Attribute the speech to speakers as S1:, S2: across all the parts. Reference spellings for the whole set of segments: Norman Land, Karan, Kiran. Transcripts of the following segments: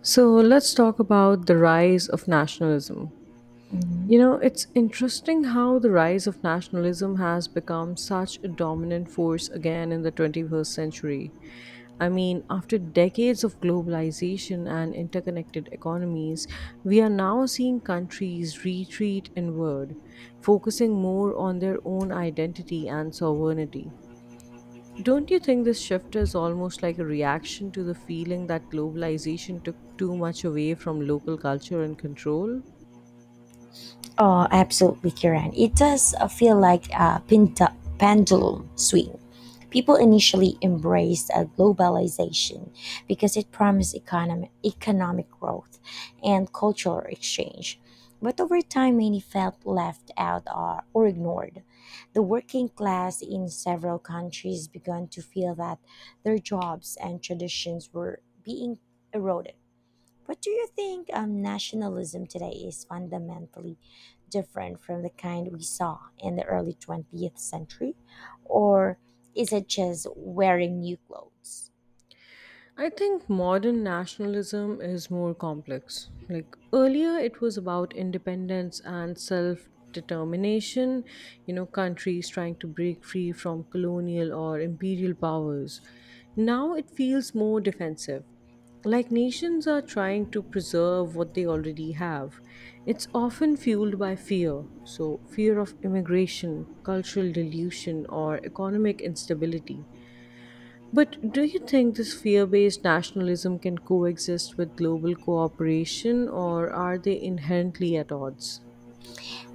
S1: So let's talk about the rise of nationalism.
S2: Mhm.
S1: You know, it's interesting how the rise of nationalism has become such a dominant force again in the 21st century. I mean, after decades of globalization and interconnected economies, we are now seeing countries retreat inward, focusing more on their own identity and sovereignty. Don't you think this shift is almost like a reaction to the feeling that globalization took too much away from local culture and control?
S2: Oh, absolutely, Kiran. It does feel like a pendulum swing. People initially embraced globalization because it promised economic growth and cultural exchange. But over time, many felt left out or ignored. The working class in several countries began to feel that their jobs and traditions were being eroded. But do you think nationalism today is fundamentally different from the kind we saw in the early 20th century? Or is it just wearing new clothes?
S1: I think modern nationalism is more complex. Like earlier, it was about independence and self determination, you know, countries trying to break free from colonial or imperial powers. Now it feels more defensive. Like nations are trying to preserve what they already have. It's often fueled by fear. So, fear of immigration, cultural dilution, or economic instability. But do you think this fear based nationalism can coexist with global cooperation or are they inherently at odds?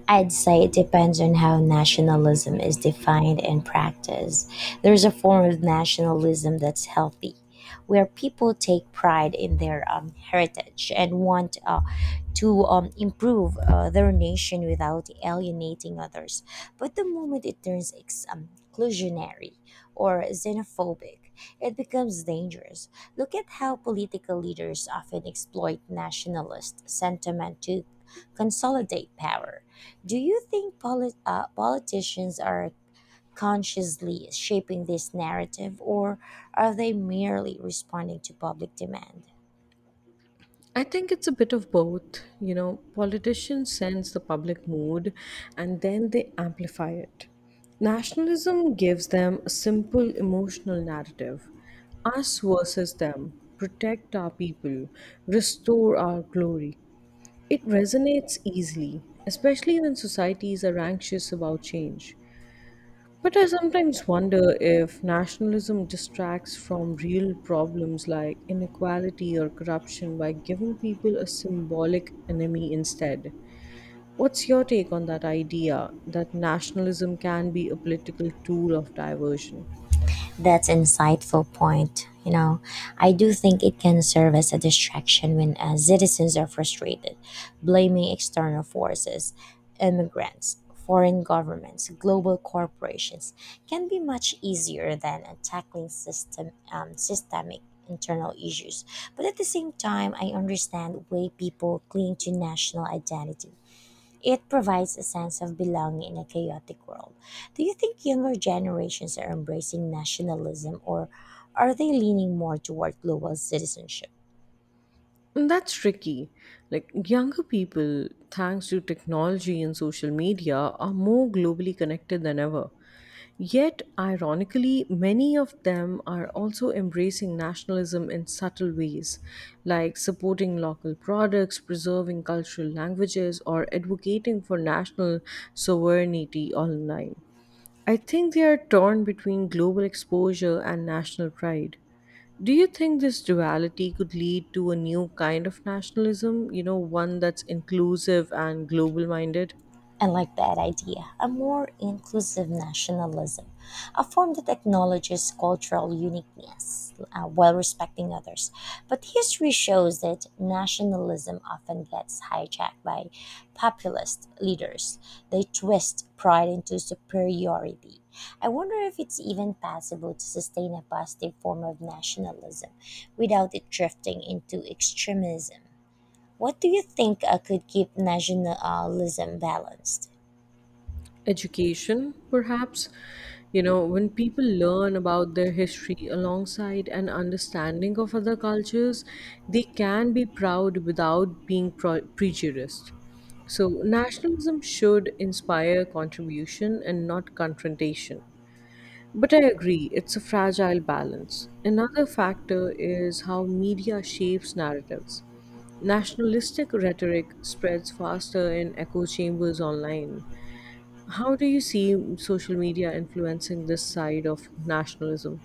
S2: I'd say it depends on how nationalism is defined and practiced. There's a form of nationalism that's healthy, where people take pride in their heritage and want to improve their nation without alienating others. But the moment it turns exclusionary or xenophobic, it becomes dangerous. Look at how political leaders often exploit nationalist sentiment to consolidate power. Do you think politicians are consciously shaping this narrative, or are they merely responding to public demand?
S1: I think it's a bit of both. You know, politicians sense the public mood and then they amplify it. Nationalism gives them a simple emotional narrative us versus them, protect our people, restore our glory. It resonates easily, especially when societies are anxious about change. But I sometimes wonder if nationalism distracts from real problems like inequality or corruption by giving people a symbolic enemy instead. What's your take on that idea that nationalism can be a political tool of diversion?
S2: That's insightful point. You know, I do think it can serve as a distraction when citizens are frustrated, blaming external forces, immigrants, foreign governments, global corporations can be much easier than tackling systemic internal issues. But at the same time, I understand why people cling to national identity. It provides a sense of belonging in a chaotic world. Do you think younger generations are embracing nationalism, or are they leaning more toward global citizenship?
S1: Mm, that's tricky. Like younger people, thanks to technology and social media, are more globally connected than ever. Yet, ironically, many of them are also embracing nationalism in subtle ways, like supporting local products, preserving cultural languages, or advocating for national sovereignty online. I think they are torn between global exposure and national pride. Do you think this duality could lead to a new kind of nationalism, you know, one that's inclusive and global minded?
S2: I like that idea. A more inclusive nationalism, a form that acknowledges cultural uniqueness while respecting others. But history shows that nationalism often gets hijacked by populist leaders. They twist pride into superiority. I wonder if it's even possible to sustain a positive form of nationalism without it drifting into extremism. What do you think could keep nationalism balanced?
S1: Education, perhaps? You know, when people learn about their history alongside an understanding of other cultures, they can be proud without being prejudiced. So, nationalism should inspire contribution and not confrontation. But I agree, it's a fragile balance. Another factor is how media shapes narratives. Nationalistic rhetoric spreads faster in echo chambers online. How do you see social media influencing this side of nationalism?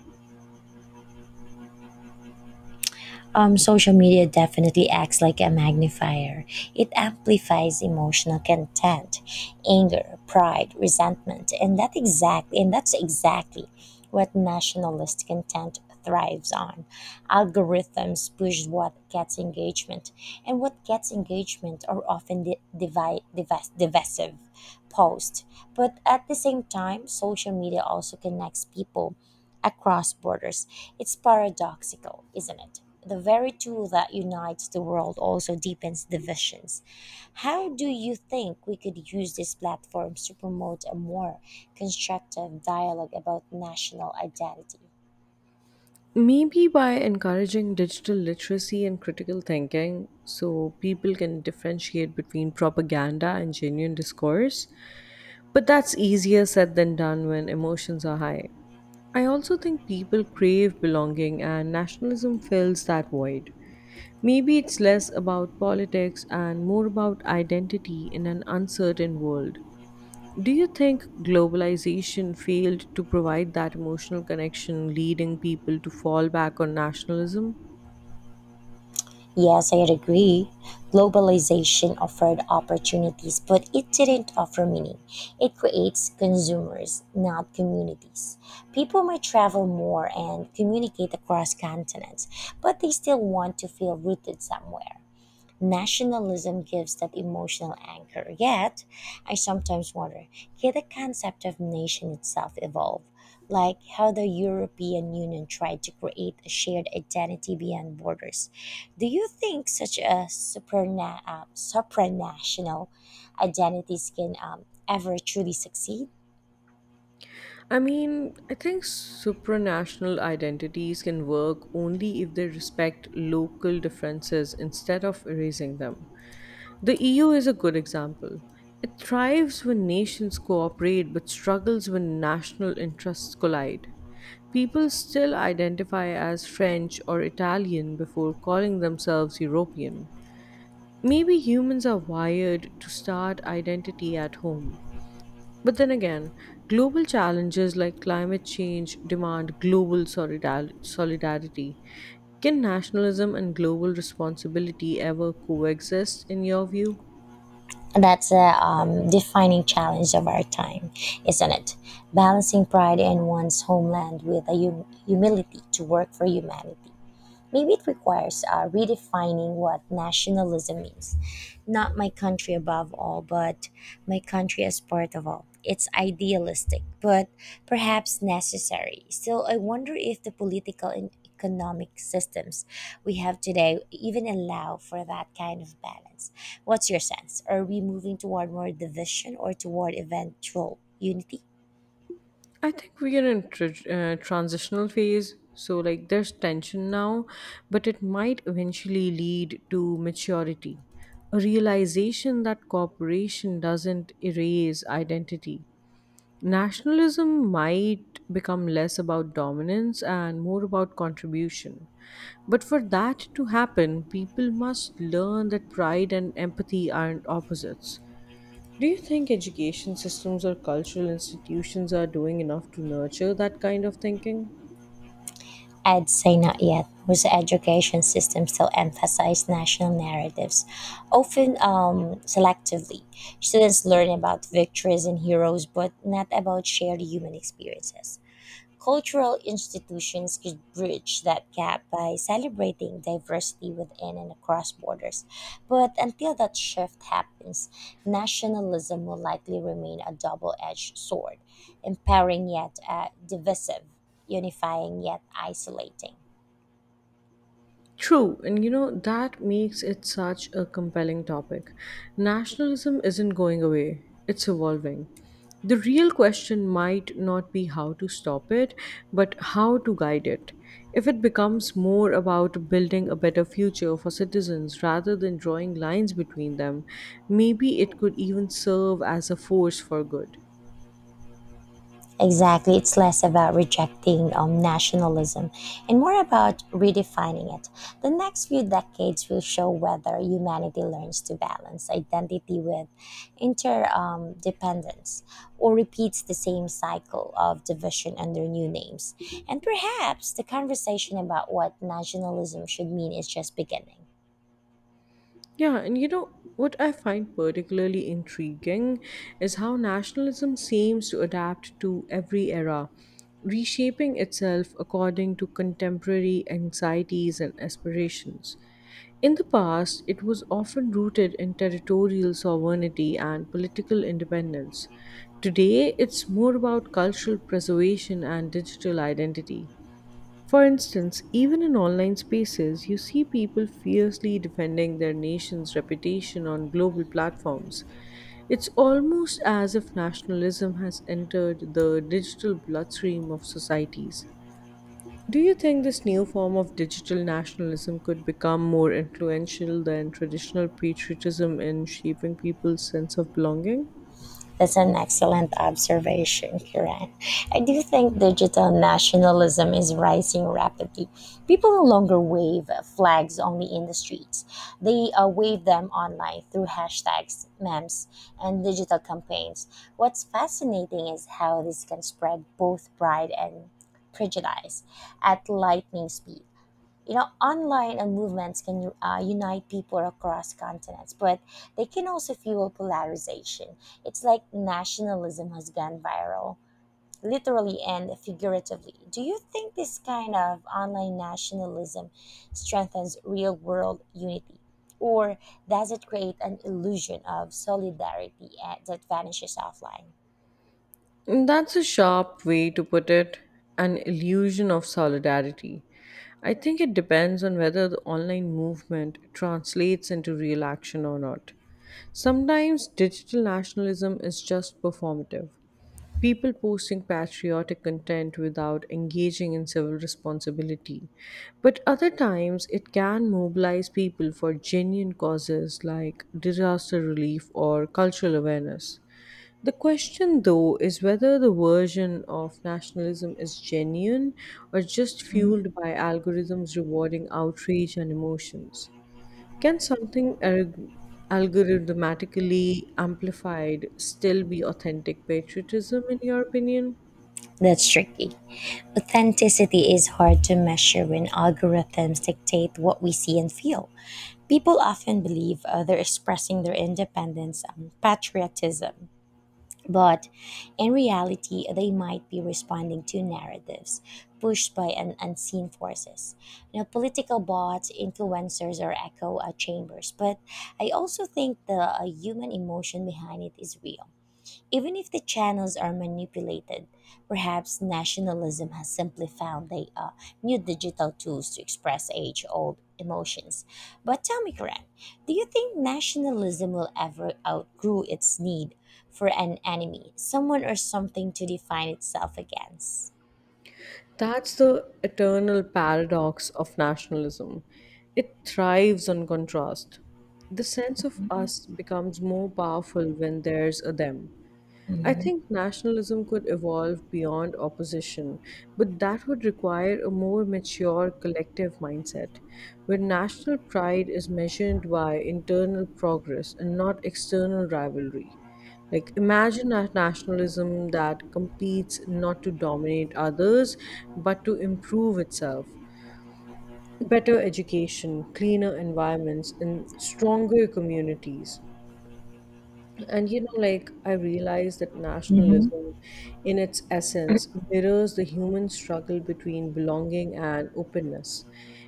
S2: Social media definitely acts like a magnifier. It amplifies emotional content, anger, pride, resentment, and that's exactly what nationalist content thrives on. Algorithms push what gets engagement, and what gets engagement are often the divisive posts. But at the same time, social media also connects people across borders. It's paradoxical, isn't it? The very tool that unites the world also deepens divisions. How do you think we could use these platforms to promote a more constructive dialogue about national identity?
S1: Maybe by encouraging digital literacy and critical thinking so people can differentiate between propaganda and genuine discourse. But that's easier said than done when emotions are high. I also think people crave belonging and nationalism fills that void. Maybe it's less about politics and more about identity in an uncertain world. Do you think globalization failed to provide that emotional connection, leading people to fall back on nationalism?
S2: Yes, I agree. Globalization offered opportunities, but it didn't offer meaning. It creates consumers, not communities. People might travel more and communicate across continents, but they still want to feel rooted somewhere. Nationalism gives that emotional anchor. Yet, I sometimes wonder, can the concept of nation itself evolve? Like how the European Union tried to create a shared identity beyond borders. Do you think such supranational identities can ever truly succeed?
S1: I mean, I think supranational identities can work only if they respect local differences instead of erasing them. The EU is a good example. It thrives when nations cooperate but struggles when national interests collide. People still identify as French or Italian before calling themselves European. Maybe humans are wired to start identity at home. But then again, global challenges like climate change demand global solidarity. Can nationalism and global responsibility ever coexist, in your view?
S2: That's a defining challenge of our time, isn't it? Balancing pride in one's homeland with a humility to work for humanity. Maybe it requires redefining what nationalism means. Not my country above all, but my country as part of all. It's idealistic, but perhaps necessary. Still, I wonder if the political and economic systems we have today even allow for that kind of balance. What's your sense? Are we moving toward more division or toward eventual unity?
S1: I think we are in transitional phase. So, like, there's tension now, but it might eventually lead to maturity, a realization that cooperation doesn't erase identity. Nationalism might become less about dominance and more about contribution. But for that to happen, people must learn that pride and empathy aren't opposites. Do you think education systems or cultural institutions are doing enough to nurture that kind of thinking?
S2: I'd say not yet, whose education system still emphasize national narratives, often selectively. Students learn about victories and heroes, but not about shared human experiences. Cultural institutions could bridge that gap by celebrating diversity within and across borders. But until that shift happens, nationalism will likely remain a double edged sword, empowering yet divisive, unifying yet isolating.
S1: True, and you know, that makes it such a compelling topic. Nationalism isn't going away, it's evolving. The real question might not be how to stop it, but how to guide it. If it becomes more about building a better future for citizens rather than drawing lines between them, maybe it could even serve as a force for good.
S2: Exactly. It's less about rejecting nationalism and more about redefining it. The next few decades will show whether humanity learns to balance identity with interdependence, or repeats the same cycle of division under new names. And perhaps the conversation about what nationalism should mean is just beginning.
S1: Yeah, and you know what I find particularly intriguing is how nationalism seems to adapt to every era, reshaping itself according to contemporary anxieties and aspirations. In the past, it was often rooted in territorial sovereignty and political independence. Today, it's more about cultural preservation and digital identity. For instance, even in online spaces, you see people fiercely defending their nation's reputation on global platforms. It's almost as if nationalism has entered the digital bloodstream of societies. Do you think this new form of digital nationalism could become more influential than traditional patriotism in shaping people's sense of belonging?
S2: That's an excellent observation, Kiran. I do think digital nationalism is rising rapidly. People no longer wave flags only in the streets, they wave them online through hashtags, memes, and digital campaigns. What's fascinating is how this can spread both pride and prejudice at lightning speed. You know, online movements can unite people across continents, but they can also fuel polarization. It's like nationalism has gone viral, literally and figuratively. Do you think this kind of online nationalism strengthens real world unity, or does it create an illusion of solidarity that vanishes offline?
S1: That's a sharp way to put it, an illusion of solidarity. I think it depends on whether the online movement translates into real action or not. Sometimes digital nationalism is just performative. People posting patriotic content without engaging in civil responsibility. But other times, it can mobilize people for genuine causes like disaster relief or cultural awareness. The question, though, is whether the version of nationalism is genuine or just fueled by algorithms rewarding outrage and emotions. Can something algorithmatically amplified still be authentic patriotism, in your opinion?
S2: That's tricky. Authenticity is hard to measure when algorithms dictate what we see and feel. People often believe they're expressing their independence and patriotism, but in reality, they might be responding to narratives pushed by an unseen forces. You know, political bots, influencers, or echo chambers. But I also think the human emotion behind it is real, even if the channels are manipulated. Perhaps nationalism has simply found the new digital tools to express age old emotions. But tell me, Karan, do you think nationalism will ever outgrow its need for an enemy, someone or something to define itself against?
S1: That's the eternal paradox of nationalism. It thrives on contrast. The sense of
S2: Mhm.
S1: us becomes more powerful when there's a them. I think nationalism could evolve beyond opposition, but that would require a more mature collective mindset, where national pride is measured by internal progress and not external rivalry. Like, imagine a nationalism that competes not to dominate others, but to improve itself. Better education, cleaner environments, and stronger communities. And you know, like I realize that
S2: Mhm.
S1: nationalism, in its essence, mirrors the human struggle between belonging and openness.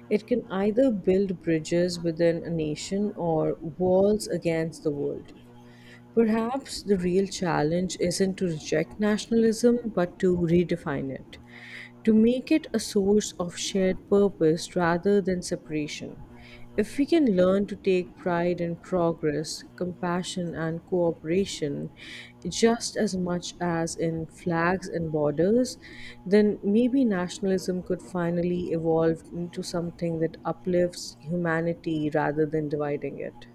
S1: It can either build bridges within a nation or walls against the world. Perhaps the real challenge isn't to reject nationalism, but to redefine it to make it a source of shared purpose rather than separation. If we can learn to take pride in progress, compassion, and cooperation just as much as in flags and borders, then maybe nationalism could finally evolve into something that uplifts humanity rather than dividing it.